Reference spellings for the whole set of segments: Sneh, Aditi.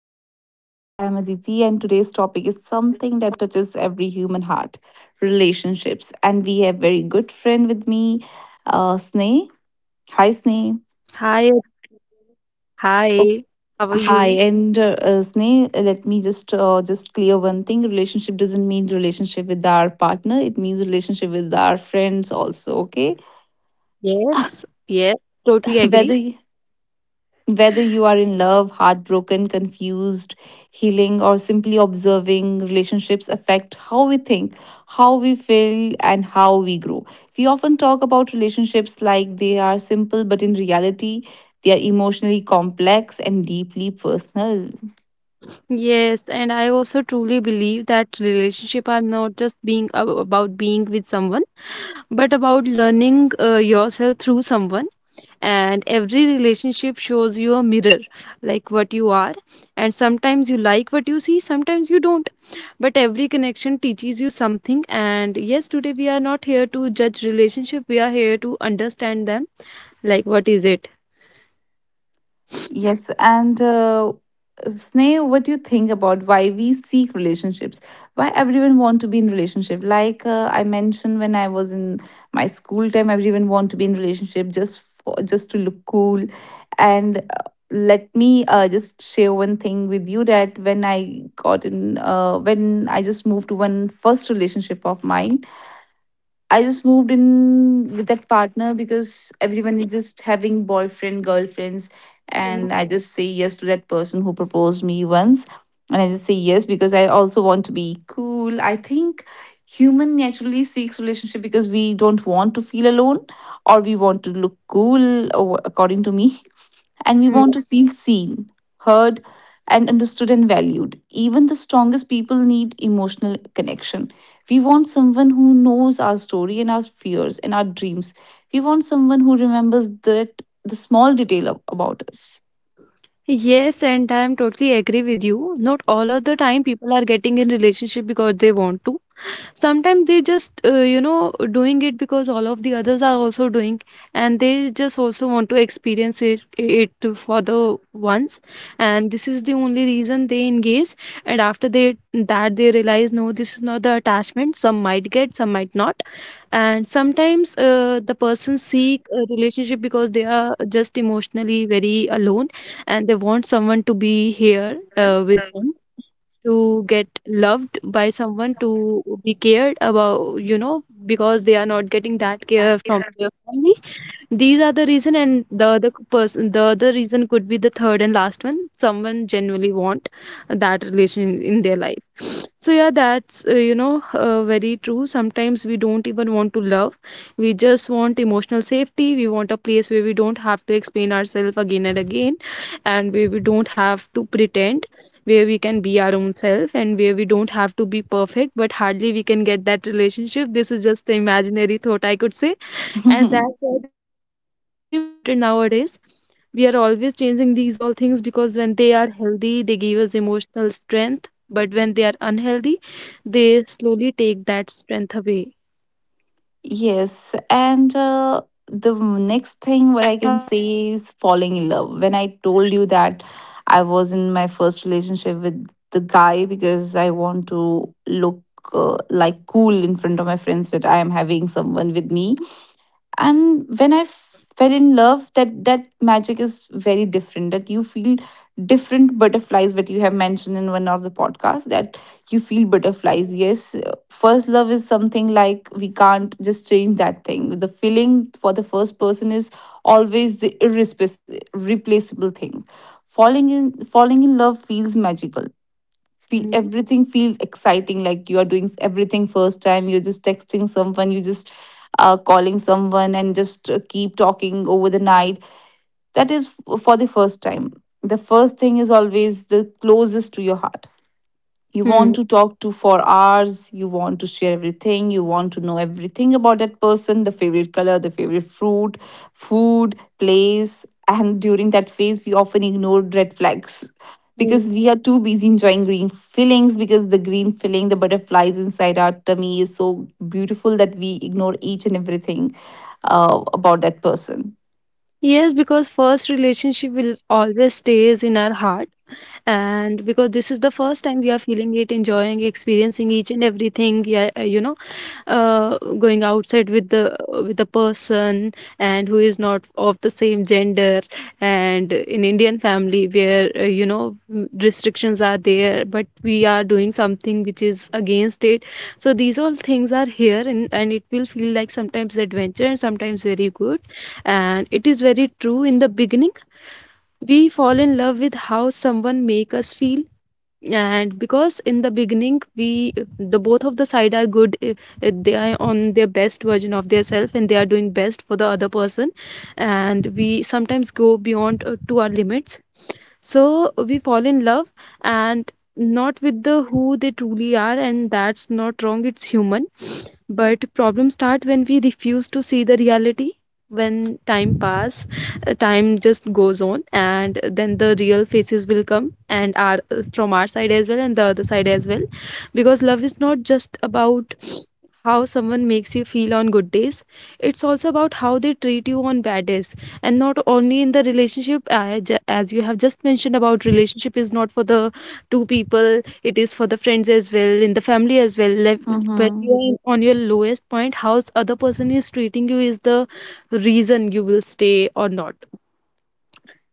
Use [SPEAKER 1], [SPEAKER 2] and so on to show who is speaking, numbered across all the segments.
[SPEAKER 1] our podcast. I am Aditi, and today's topic is something that touches every human heart relationships. And we have very good friend with me, Sneh. Hi,
[SPEAKER 2] Hi,
[SPEAKER 1] Sneh.
[SPEAKER 2] hi. How are you?
[SPEAKER 1] Okay. Hi, and Sneh, let me just clear one thing. Relationship doesn't mean relationship with our partner. It means relationship with our friends also. Okay,
[SPEAKER 2] Yes, yes, totally agree.
[SPEAKER 1] whether Whether you are in love, heartbroken, confused, healing, or simply observing, relationships affect how we think, how we feel, and how we grow. We often talk about relationships like they are simple, but in reality, they are emotionally complex and deeply personal.
[SPEAKER 2] Yes, and I also truly believe that relationship are not just being about being with someone, but about learning yourself through someone. And every relationship shows you a mirror, like what you are. And sometimes you like what you see, sometimes you don't. But every connection teaches you something. And yes, today we are not here to judge relationship. We are here to understand them. Like what is it?
[SPEAKER 1] Yes, and Sneh, what do you think about why we seek relationships? Why everyone want to be in relationship? Like I mentioned when I was in my school time, everyone want to be in relationship just for just to look cool. And let me just share one thing with you that when I got in, when I just moved to one first relationship of mine, I just moved in with that partner because everyone is just having boyfriend, girlfriends, and I just say yes to that person who proposed me once. And I just say yes because I also want to be cool. I think human naturally seeks relationship because we don't want to feel alone or we want to look cool or according to me and we
[SPEAKER 2] Mm.
[SPEAKER 1] want to feel seen, heard, and understood and valued. Even the strongest people need emotional connection. We want someone who knows our story and our fears and our dreams. We want someone who remembers that the small detail about us.
[SPEAKER 2] Yes, and I'm totally agree with you. Not all of the time people are getting in relationship because they want to. Sometimes they just you know doing it because all of the others are also doing, and they just also want to experience it for the once, and this is the only reason they engage. And after they that they realize no, this is not the attachment. Some might get, some might not. And sometimes the person seek a relationship because they are just emotionally very alone, and they want someone to be here
[SPEAKER 1] Well,
[SPEAKER 2] with
[SPEAKER 1] um,
[SPEAKER 2] them, to get loved by someone,
[SPEAKER 1] so
[SPEAKER 2] to be cared about, you know, because they are not getting that
[SPEAKER 1] that,
[SPEAKER 2] care from
[SPEAKER 1] yeah.
[SPEAKER 2] their family. These are the reason, and the other person, the other reason could be the third and last one. Someone genuinely want that relation in their life. So yeah, that's you know very true. Sometimes we don't even want to love. We just want emotional safety. We want a place where we don't have to explain ourselves again and again, and where we don't have to pretend, where we can be our own self, and where we don't have to be perfect. But hardly we can get that relationship. This is just an imaginary thought, I could say, and that's why relationship becomes so important nowadays. We are always changing these all things because when they are healthy, they give us emotional strength. But when they are unhealthy, they slowly take that strength away.
[SPEAKER 1] Yes, and the next thing what I can say is falling in love. When I told you that I was in my first relationship with the guy because I want to look like cool in front of my friends that I am having someone with me and when fell in love that that magic is very different that you feel different butterflies, but you have mentioned in one of the podcasts that you feel butterflies, yes, first love is something like we can't just change that thing. The feeling for the first person is always the irreplaceable thing. Falling in love feels magical.
[SPEAKER 2] Mm-hmm.
[SPEAKER 1] Feel everything feels exciting, like you are doing everything first time. You're just texting someone, you just calling someone, and just keep talking over the night. That is for the first time. The first thing is always the closest to your heart. You want to talk to for hours, you want to share everything, you want to know everything about that person, the favorite color, the favorite fruit, food, place. And during that phase we often ignore red flags because we are too busy enjoying green fillings, because the green filling, the butterflies inside our tummy is so beautiful that we ignore each and everything about that person.
[SPEAKER 2] Yes, because first relationship will always stays in our heart, and because this is the first time we are feeling it, enjoying, experiencing each and everything. Yeah, you know, going outside with the person, and who is not of the same gender, and in Indian family where you know, restrictions are there, but we are doing something which is against it. So these all things are here, and it will feel like sometimes adventure and sometimes very good. And it is very true, in the beginning we fall in love with how someone make us feel. And because in the beginning we, the both of the side are good. They are on their best version of their self, and they are doing best for the other person, and we sometimes go beyond to our limits. So we fall in love, and not with the who they truly are, and that's not wrong, it's human. But problems start when we refuse to see the reality, when time pass, time just goes on, and then the real faces will come and are, from our side as well and the other side as well. Because love is not just about how someone makes you feel on good days, it's also about how they treat you on bad days. And not only in the relationship, as you have just mentioned about, relationship is not for the two people, it is for the friends as well, in the family as well. Like, when you
[SPEAKER 1] Mm-hmm.
[SPEAKER 2] are Mhm. on your lowest point, how other person is treating you is the reason you will stay or not.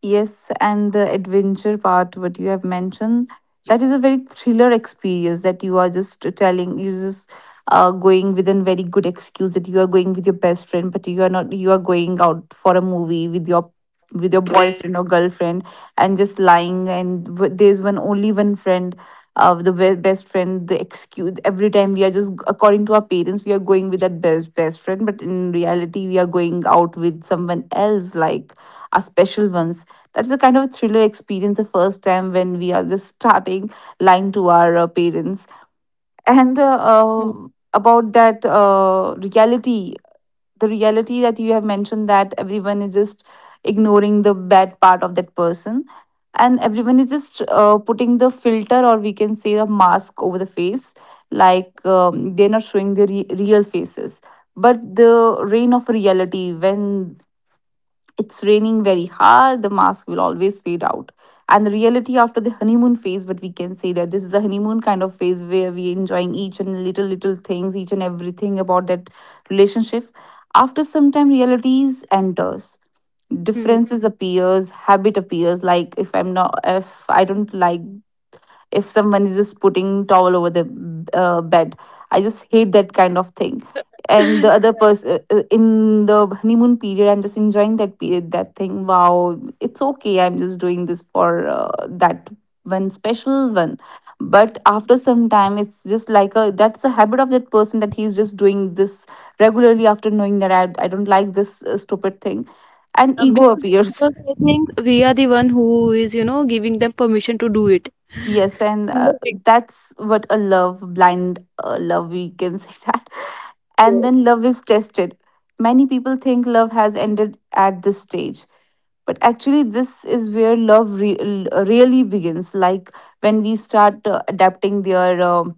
[SPEAKER 1] Yes, and the adventure part, what you have mentioned, that is a very thriller experience that you are just telling. You just going with a very good excuse that you are going with your best friend, but you are not. You are going out for a movie with your boyfriend or girlfriend and just lying, and there's one only one friend, best friend, the excuse every time. We are just, according to our parents, we are going with that best best friend, but in reality we are going out with someone else, like our special ones. That's a kind of thriller experience the first time when we are just starting lying to our parents.
[SPEAKER 2] Hmm.
[SPEAKER 1] And about that reality, the reality that you have mentioned, that everyone is just ignoring the bad part of that person. And everyone is just putting the filter, or we can say the mask over the face, like they're not showing their real faces. But the reign of reality, when it's raining very hard, the mask will always fade out. And the reality after the honeymoon phase, what we can say, that this is a honeymoon kind of phase where we enjoying each and little little things, each and everything about that relationship. After some time, realities enters.
[SPEAKER 2] Hmm.
[SPEAKER 1] Differences appears, habit appears. Like if I'm not, if I don't like, if someone is just putting towel over the bed, I just hate that kind of thing. And the
[SPEAKER 2] Yeah.
[SPEAKER 1] other person in the honeymoon period, I'm just enjoying that period, that thing, wow, it's okay, I'm just doing this for that one special one. But after some time it's just like a, that's a habit of that person, that he's just doing this regularly after knowing that I don't like this stupid thing. And ego
[SPEAKER 2] Because
[SPEAKER 1] appears.
[SPEAKER 2] because I think we are the one who is, you know, giving them permission to do it.
[SPEAKER 1] Yes, and
[SPEAKER 2] In the beginning,
[SPEAKER 1] that's what a love, blind love, we can say that. And then
[SPEAKER 2] yes.
[SPEAKER 1] love is tested. Many people think love has ended at this stage, but actually, this is where love really begins. Like when we start adapting their,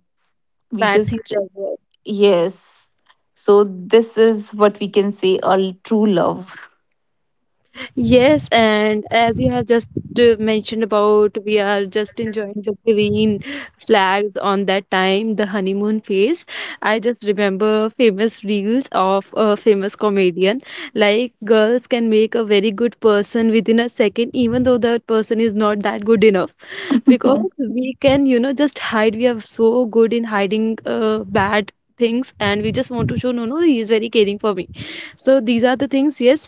[SPEAKER 1] we
[SPEAKER 2] Bad
[SPEAKER 1] just,
[SPEAKER 2] things as well.
[SPEAKER 1] yes. So, this is what we can say a true love.
[SPEAKER 2] Yes, and as you have just mentioned about, we are just enjoying the green flags on that time, the honeymoon phase. I just remember famous reels of a famous comedian. Like, girls can make a very good person within a second, even though that person is not that good enough. Because we can, you know, just hide, we are so good in hiding bad things, and we just want to show no, no, he is very caring for me. So these are the things, yes,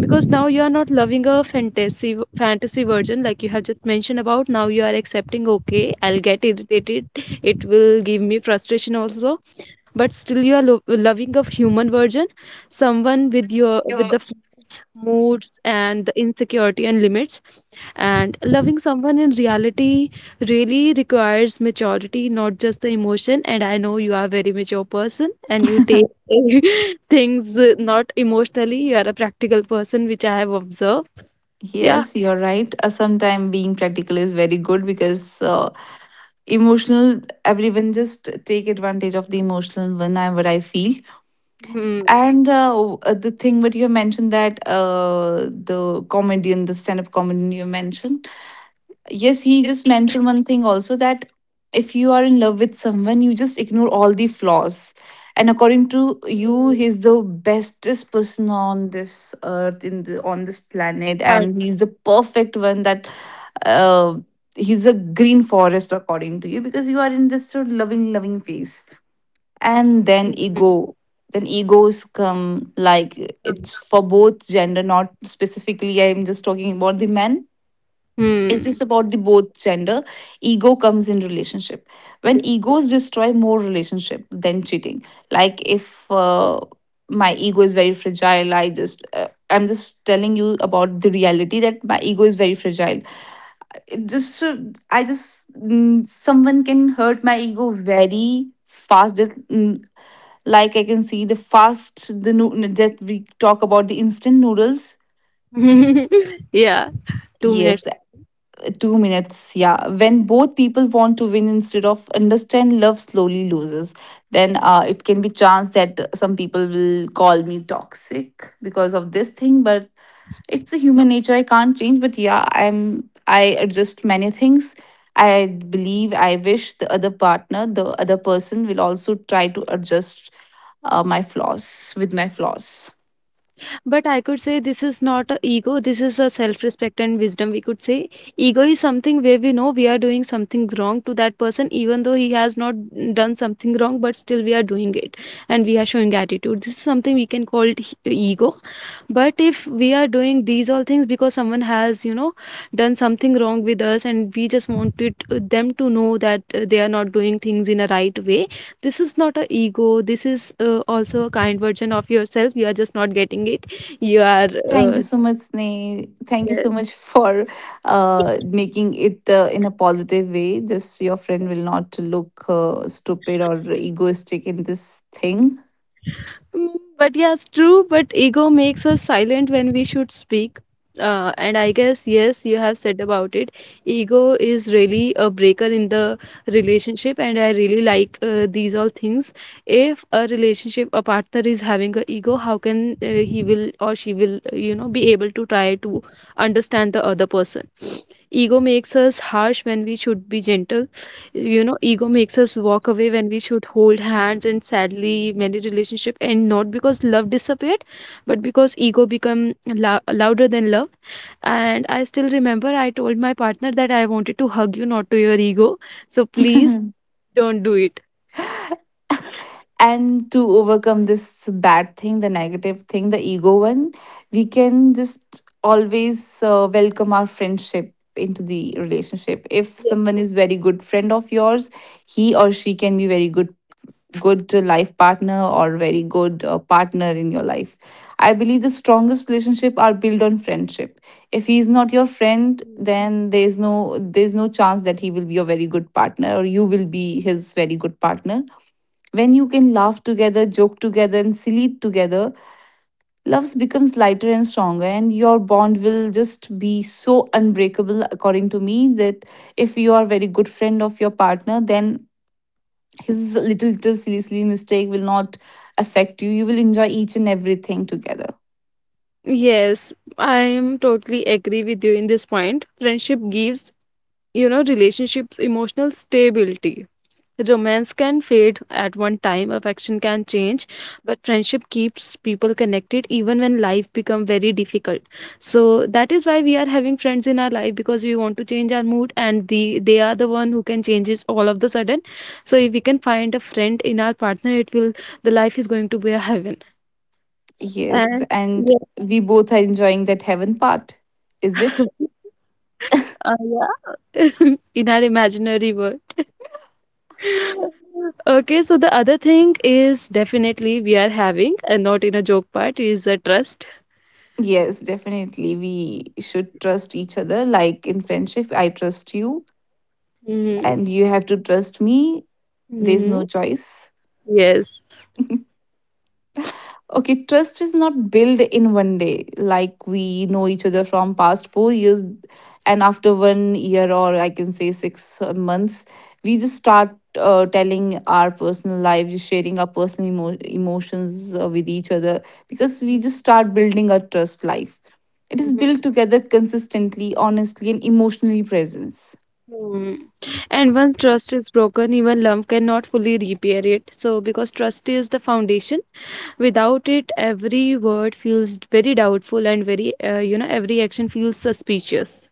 [SPEAKER 2] because now you are not loving a fantasy, version, like you have just mentioned about. Now you are accepting okay, I'll get irritated, it will give me frustration also, but still you are loving a human version, someone with your with the flaws, moods and the insecurity and limits. And loving someone in reality really requires maturity, not just the emotion. And I know you are a very mature person and you take things not emotionally. You are a practical person, which I have observed. Yeah.
[SPEAKER 1] Yes, you're right. Sometime being practical is very good because emotional everyone just take advantage of the emotional one, I what I feel.
[SPEAKER 2] Hmm.
[SPEAKER 1] And the thing what you mentioned that the comedian, the stand-up comedian you mentioned, yes, he
[SPEAKER 2] It's
[SPEAKER 1] just mentioned one thing also that if you are in love with someone you just ignore all the flaws, and according to you he's the bestest person on this
[SPEAKER 2] hard.
[SPEAKER 1] earth, in the, on this planet, and he's the perfect one. That uh, he's a green forest according to you, because you are in just a loving loving phase. And then ego, then egos come. Like it's for both gender, not specifically I'm just talking about the men, it's
[SPEAKER 2] Hmm.
[SPEAKER 1] just about the both gender. Ego comes in relationship when egos destroy more relationship than cheating. Like if my ego is very fragile, I just I'm just telling you about the reality that my ego is very fragile. It just I just, someone can hurt my ego very fast. Just, like I can see the fast the that we talk about the instant noodles.
[SPEAKER 2] Yeah. Two
[SPEAKER 1] Yes,
[SPEAKER 2] minutes.
[SPEAKER 1] 2 minutes. Yeah, when both people want to win instead of understand, love slowly loses. Then it can be chance that some people will call me toxic because of this thing, but it's a human nature I can't change. But yeah, I adjust many things. I believe I wish the other partner, the other person will also try to adjust my flaws with my flaws.
[SPEAKER 2] But I could say this is not a ego, this is a self respect and wisdom. We could say ego is something where we know we are doing something wrong to that person, even though he has not done something wrong, but still we are doing it and we are showing attitude. This is something we can call it ego. But if we are doing these all things because someone has, you know, done something wrong with us, and we just wanted them to know that they are not doing things in a right way, this is not a ego. This is also a kind version of yourself. You are just not getting it, you are,
[SPEAKER 1] Thank you so much, Sneh. Thank you
[SPEAKER 2] yeah.
[SPEAKER 1] so much for making it in a positive way. Just your friend will not look stupid or egoistic in this thing.
[SPEAKER 2] Mm, but yes, true. But ego makes us silent when we should speak. And I guess, yes, you have said about it. Ego is really a breaker in the relationship, and I really like these all things. If a relationship, a partner is having a ego, how can he will or she will, you know, be able to try to understand the other person? Ego makes us harsh when we should be gentle. You know, ego makes us walk away when we should hold hands, and sadly many relationship end not because love disappeared, but because ego become louder than love. And I still remember I told my partner that I wanted to hug you, not to your ego. So please don't do it.
[SPEAKER 1] And to overcome this bad thing, the negative thing, the ego one, we can just always welcome our friendship into the relationship. If someone is very good friend of yours, he or she can be very good good life partner or very good partner in your life. I believe the strongest relationship are built on friendship. If he is not your friend, then there's no, there's no chance that he will be your very good partner or you will be his very good partner. When you can laugh together, joke together, and silly together, love becomes lighter and stronger, and your bond will just be so unbreakable, according to me. That if you are a very good friend of your partner, then his little little silly silly mistake will not affect you. You will enjoy each and everything together.
[SPEAKER 2] Yes, I am totally agree with you in this point. Friendship gives, you know, relationships emotional stability. Romance can fade at one time, affection can change, but friendship keeps people connected even when life become very difficult. So that is why we are having friends in our life, because we want to change our mood and they are the one who can change it all of the sudden. So if we can find a friend in our partner, it will, the life is going to be a heaven.
[SPEAKER 1] Yes,
[SPEAKER 2] And
[SPEAKER 1] and
[SPEAKER 2] yeah,
[SPEAKER 1] we both are enjoying that heaven part. Is it?
[SPEAKER 2] uh, yeah. In our imaginary world. Okay, so the other thing is definitely we are having, and not in a joke part, is a trust.
[SPEAKER 1] Yes, definitely. We should trust each other. Like in friendship, I trust you
[SPEAKER 2] Mm-hmm.
[SPEAKER 1] and you have to trust me. There's
[SPEAKER 2] Mm-hmm.
[SPEAKER 1] no choice.
[SPEAKER 2] Yes.
[SPEAKER 1] Okay, trust is not built in one day. Like we know each other from past 4 years, and after one year or I can say 6 months, we just start telling our personal life, just sharing our personal emotions with each other because we
[SPEAKER 2] Mhm,
[SPEAKER 1] just start building our trust life. It is
[SPEAKER 2] mhm,
[SPEAKER 1] built together consistently, honestly, and emotionally presence.
[SPEAKER 2] mhm. And once trust is broken, even love cannot fully repair it. So, because trust is the foundation, without it, every word feels very doubtful and very, you know, every action feels suspicious.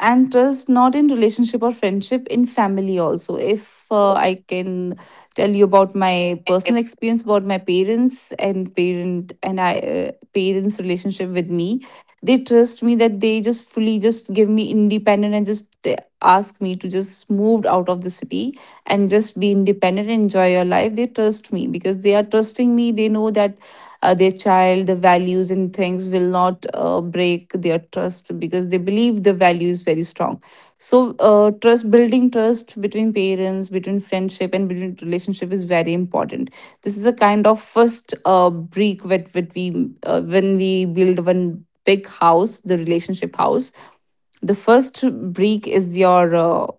[SPEAKER 1] And trust not in relationship or friendship, in family also. If I can tell you about my personal experience about my parents and parent and I parents relationship with me. They trust me that they just fully just give me independent and just ask me to just move out of the city and just be independent and enjoy your life. They trust me because they are trusting me. They know that their child, the values and things will not break their trust because they believe the value is very strong. So trust, building trust between parents, between friendship, and between relationship is very important. This is a kind of first brick that we when we build one big house, the relationship house. The first break is your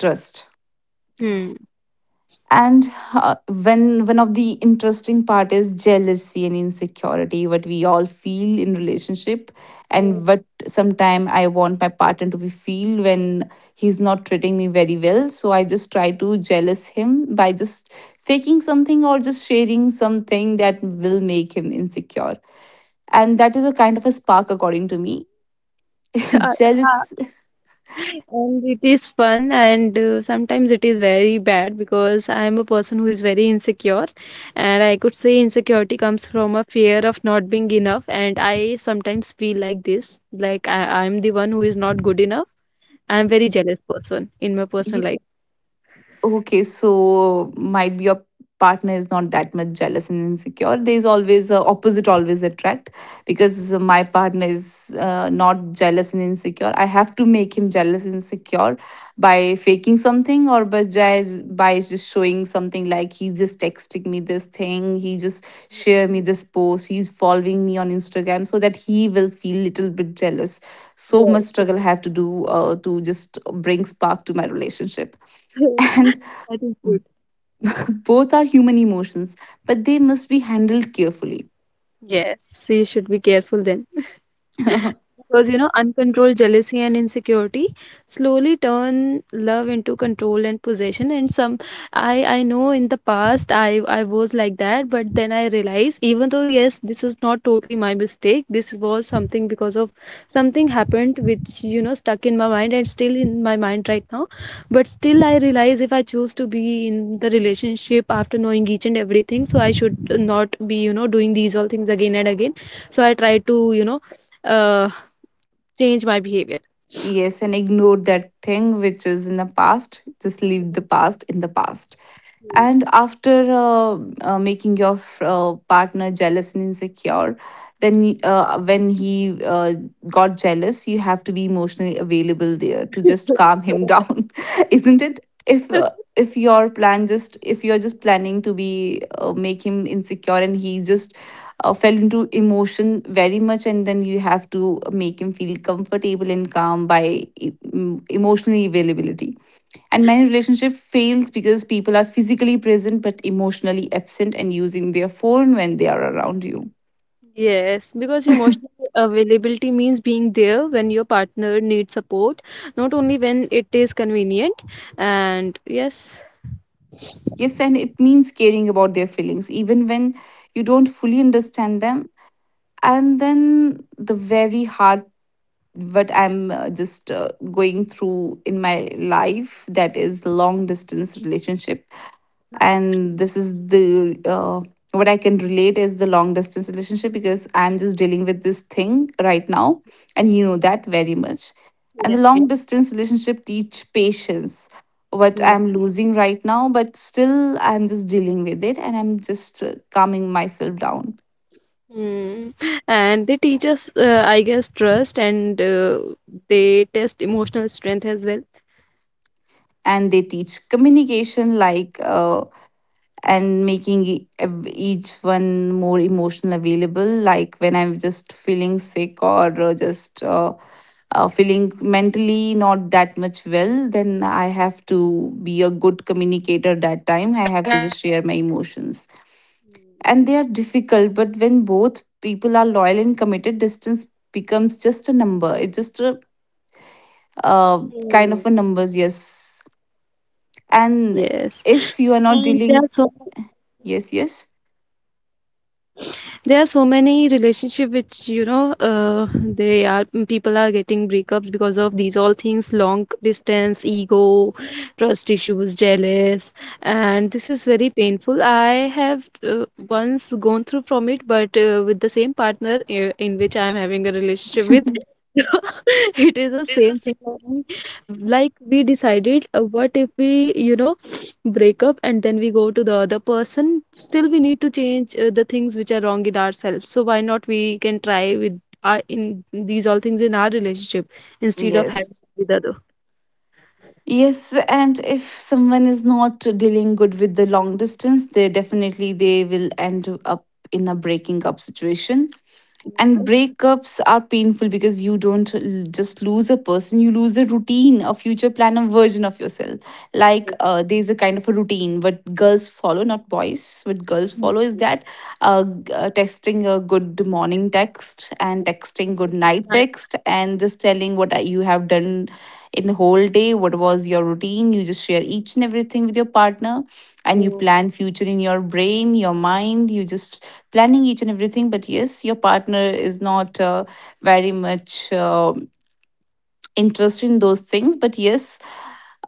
[SPEAKER 1] trust.
[SPEAKER 2] Hmm.
[SPEAKER 1] And when one of the interesting part is jealousy and insecurity, what we all feel in relationship.
[SPEAKER 2] Hmm.
[SPEAKER 1] And what sometime I want my partner to be feel when he's not treating me very well, so I just try to jealous him by just faking something or just sharing something that will make him insecure. And that is a kind of a spark according to me. Jealous.
[SPEAKER 2] And it is fun, and sometimes it is very bad because I am a person who is very insecure, and I could say insecurity comes from a fear of not being enough. And I sometimes feel like this, like I am the one who is not good enough. I am very jealous person in my personal life.
[SPEAKER 1] Okay, so might be your partner is not that much jealous and insecure. There's always a opposite, always attract. Because my partner is not jealous and insecure. I have to make him jealous and insecure by faking something or by just showing something like he's just texting me this thing, he just share me this post, he's following me on Instagram so that he will feel little bit jealous. So much
[SPEAKER 2] Yes,
[SPEAKER 1] struggle I have to do to just bring spark to my relationship. and.
[SPEAKER 2] that is good.
[SPEAKER 1] B- Both are human emotions, but they must be handled carefully.
[SPEAKER 2] Yes, so you should be careful then. Because you know, uncontrolled jealousy and insecurity slowly turn love into control and possession. And some, I know in the past I was like that, but then I realized even though yes, this is not totally my mistake. This was something because of something happened which you know stuck in my mind and still in my mind right now. But still, I realize if I choose to be in the relationship after knowing each and everything, so I should not be, you know, doing these all things again and again. So I try to, you know, uh, change my behavior.
[SPEAKER 1] Yes, and ignore that thing which is in the past. Just leave the past in the past. And after making your partner jealous and insecure, then when he got jealous, you have to be emotionally available there to just calm him down, isn't it? If uh, if your plan just if you're just planning to be make him insecure and he just fell into emotion very much, and then you have to make him feel comfortable and calm by emotional availability. And many relationship fails because people are physically present but emotionally absent and using their phone when they are around you.
[SPEAKER 2] Yes, because emotional availability means being there when your partner needs support, not only when it is convenient. And yes.
[SPEAKER 1] Yes, and it means caring about their feelings even when you don't fully understand them. And then the very hard, what I'm just going through in my life, that is long distance relationship. And this is the what I can relate is the long distance relationship because I'm just dealing with this thing right now, and you know that very much. And the
[SPEAKER 2] Yes, yeah.
[SPEAKER 1] long distance relationship teach patience, what
[SPEAKER 2] Mm.
[SPEAKER 1] I'm losing right now, but still I'm just dealing with it and I'm just calming myself down.
[SPEAKER 2] Mm. And they teach us, I guess, trust and they test emotional strength as well.
[SPEAKER 1] And they teach communication, like and making each one more emotional available, like when I'm just feeling sick or just feeling mentally not that much well, then I have to be a good communicator. That time I have to just share my emotions.
[SPEAKER 2] Mm.
[SPEAKER 1] And they are difficult, but when both people are loyal and committed, distance becomes just a number. It's just a
[SPEAKER 2] Mm.
[SPEAKER 1] kind of a numbers. Yes.
[SPEAKER 2] Yes.
[SPEAKER 1] And
[SPEAKER 2] And there are so,
[SPEAKER 1] if you are not dealing. Yes, yes.
[SPEAKER 2] there are so many relationship which you know they are, people are getting breakups because of these all things, long distance, ego, trust issues, jealous. And this is very painful. I have, uh, once gone through from it, but with the same partner in which I am having a relationship with. It is the same thing, like we like decided, what if we, you know, breakup and then we go to the other person, still we need to change the things which are wrong in ourselves. So why not we can try with our, in these all things in our relationship, instead of having
[SPEAKER 1] Yes.
[SPEAKER 2] with other.
[SPEAKER 1] Yes, and if someone is not dealing good with the long distance, they definitely they will end up in a breaking up situation. And breakups are painful because you don't just lose a person, you lose a routine, a future plan, a version of yourself. Like there's a kind of a routine what girls follow, not boys. What girls follow is that texting a good morning text and texting good night text and just telling you have done in the whole day, what was your routine. You just share each and everything with your partner and you
[SPEAKER 2] Yes.
[SPEAKER 1] plan future in your brain, your mind. You just planning each and everything, but yes, your partner is not very much interested in those things. But yes,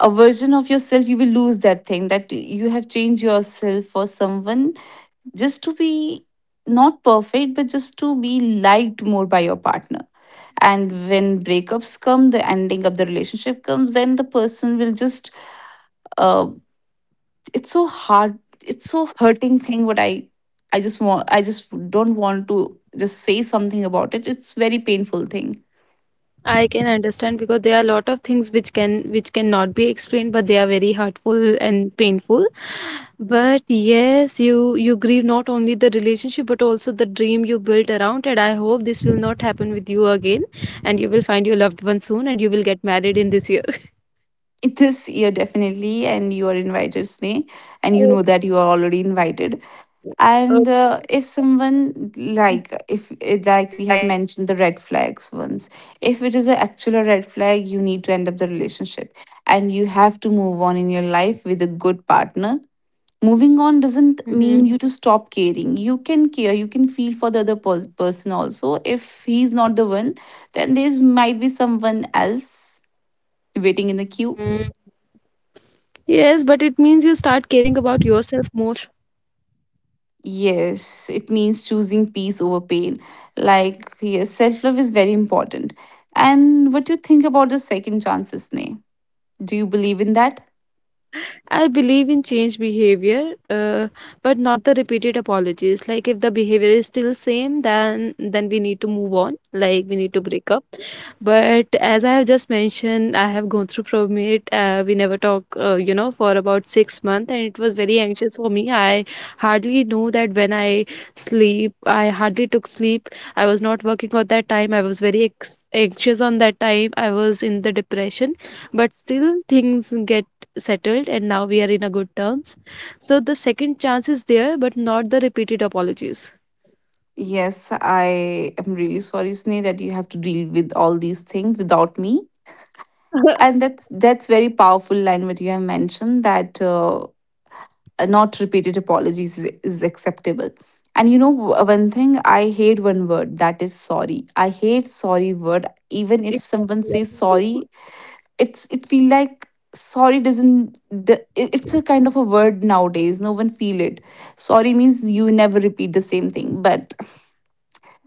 [SPEAKER 1] a version of yourself, you will lose that thing that you have changed yourself for someone, just to be not perfect but just to be liked more by your partner. And when breakups come, the ending of the relationship comes, then the person will just uh, it's so hard, it's so hurting thing. What I just want, I just don't want to just say something about it. It's very painful thing.
[SPEAKER 2] I can understand because there are a lot of things which can, which cannot be explained, but they are very hurtful and painful. But yes, you grieve not only the relationship but also the dream you built around. And I hope this will not happen with you again, and you will find your loved one soon, and you will get married in this year.
[SPEAKER 1] This year definitely, and you are invited, Sneh. And you know that you are already invited. And
[SPEAKER 2] Okay.
[SPEAKER 1] if someone, like if it- like
[SPEAKER 2] Okay.
[SPEAKER 1] we have mentioned the red flags ones, if it is an actual red flag, you need to end up the relationship and you have to move on in your life with a good partner.
[SPEAKER 2] Mm-hmm.
[SPEAKER 1] Moving on doesn't mean you to stop caring. You can care, you can feel for the person also. If he's not the one, then there might be someone else waiting in the queue.
[SPEAKER 2] Yes, but it means you start caring about yourself more.
[SPEAKER 1] Yes, it means choosing peace over pain. Like, yes, self love is very important. And what do you think about the second chances, Sneh? Do you believe in that?
[SPEAKER 2] I believe in change behavior, but not the repeated apologies. Like if the behavior is still same, then we need to move on. Like we need to break up. But as I have just mentioned, I have gone through from it. We never talk, you know, for about 6 months, and it was very anxious for me. I hardly know that when I sleep, I hardly took sleep. I was not working at that time. I was very anxious on that time. I was in the depression, but still things get settled and now we are in a good terms. So the second chance is there, but not the repeated apologies.
[SPEAKER 1] Yes, I am really sorry, Sneh, that you have to deal with all these things without me. And that's very powerful line what you have mentioned that not repeated apologies is acceptable. And you know one thing, I hate one word, that is sorry. I hate sorry word. Even if someone
[SPEAKER 2] Exactly. Yeah,
[SPEAKER 1] says
[SPEAKER 2] me too.
[SPEAKER 1] sorry, it feel like sorry doesn't it's a kind of a word nowadays no one feel it. Sorry means you never repeat the same thing, but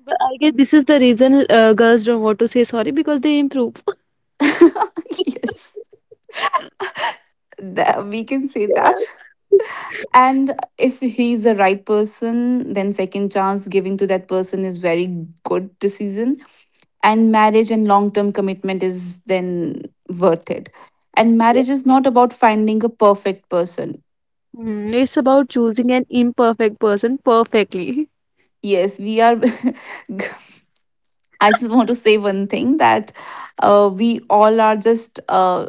[SPEAKER 2] But I guess this is the reason, girls don't want to say sorry because they improve.
[SPEAKER 1] yes, we can say
[SPEAKER 2] Yeah.
[SPEAKER 1] that. And if he's the right person, then second chance giving to that person is very good decision. And marriage and long term commitment is then worth it. And
[SPEAKER 2] Yeah.
[SPEAKER 1] marriage is not about finding a perfect person.
[SPEAKER 2] Mm, it's about choosing an imperfect person perfectly.
[SPEAKER 1] Yes, we are. I just want to say one thing that we all are just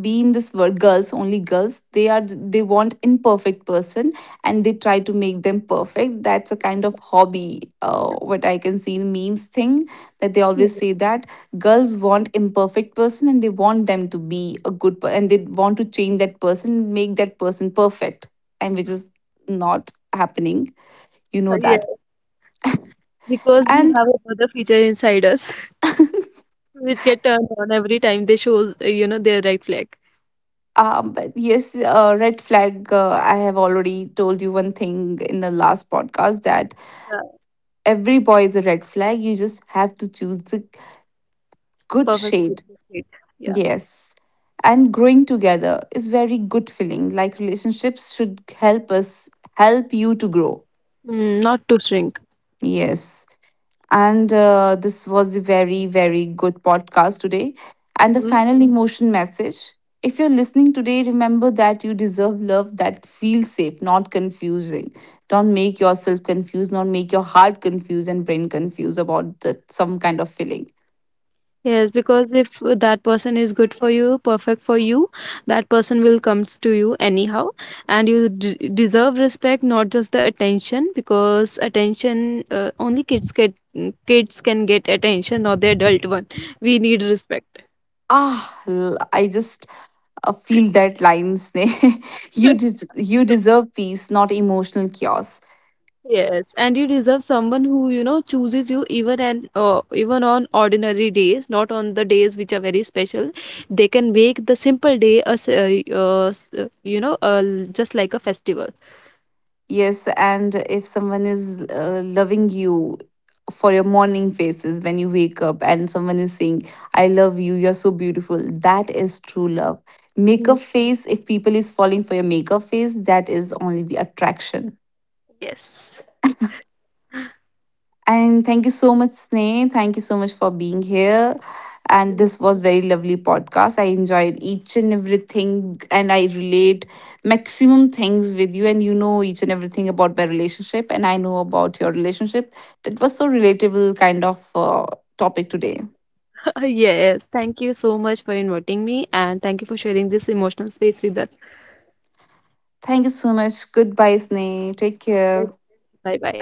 [SPEAKER 1] be in this world. Girls, only girls, they are they want imperfect person, and they try to make them perfect. That's a kind of hobby, what I can see in memes thing, that they always
[SPEAKER 2] Mm.
[SPEAKER 1] say that girls want imperfect person and they want them to be and they want to change that person, make that person perfect, and which is not happening. You know
[SPEAKER 2] Yes.
[SPEAKER 1] that.
[SPEAKER 2] Because we
[SPEAKER 1] And
[SPEAKER 2] have another feature inside us which get turned on every time they shows, you know, their right flag.
[SPEAKER 1] But yes, red flag. I have already told you one thing in the last podcast that
[SPEAKER 2] Yeah.
[SPEAKER 1] every boy is a red flag. You just have to choose the good
[SPEAKER 2] Perfect fit,
[SPEAKER 1] shade.
[SPEAKER 2] that's it. Yeah.
[SPEAKER 1] Yes. And growing together is very good feeling. Like relationships should help us help you to grow.
[SPEAKER 2] Mm, not to shrink.
[SPEAKER 1] Yes. And this was a very, very good podcast today. And the final emotion message, if you're listening today, remember that you deserve love that feels safe, not confusing. Don't make yourself confused, not make your heart confused and brain confused about the, some kind of feeling.
[SPEAKER 2] Yes, because if that person is good for you, perfect for you, that person will comes to you anyhow, and you deserve respect, not just the attention. Because attention, only kids get kids can get attention, not the adult one. We need respect.
[SPEAKER 1] Ah, I just feel that lines. You deserve peace, not emotional chaos.
[SPEAKER 2] Yes, and you deserve someone who you know chooses you even and even on ordinary days, not on the days which are very special. They can make the simple day as you know just like a festival.
[SPEAKER 1] Yes, and if someone is loving you for your morning faces when you wake up, and someone is saying, I love you, you're so beautiful, that is true love.
[SPEAKER 2] Mm.
[SPEAKER 1] Makeup face, if people is falling for your makeup face, that is only the attraction.
[SPEAKER 2] Yes.
[SPEAKER 1] And thank you so much, Sneh. Thank you so much for being here. And
[SPEAKER 2] Mm,
[SPEAKER 1] this was very lovely podcast. I enjoyed each and everything, and I relate maximum things with you. And you know each and everything about my relationship, and I know about your relationship. That was so relatable kind of topic today.
[SPEAKER 2] same. Yes. Thank you so much for inviting me and thank you for sharing this emotional space with us.
[SPEAKER 1] Thank you so much. Goodbye, Sneh. Take care.
[SPEAKER 2] Bye bye.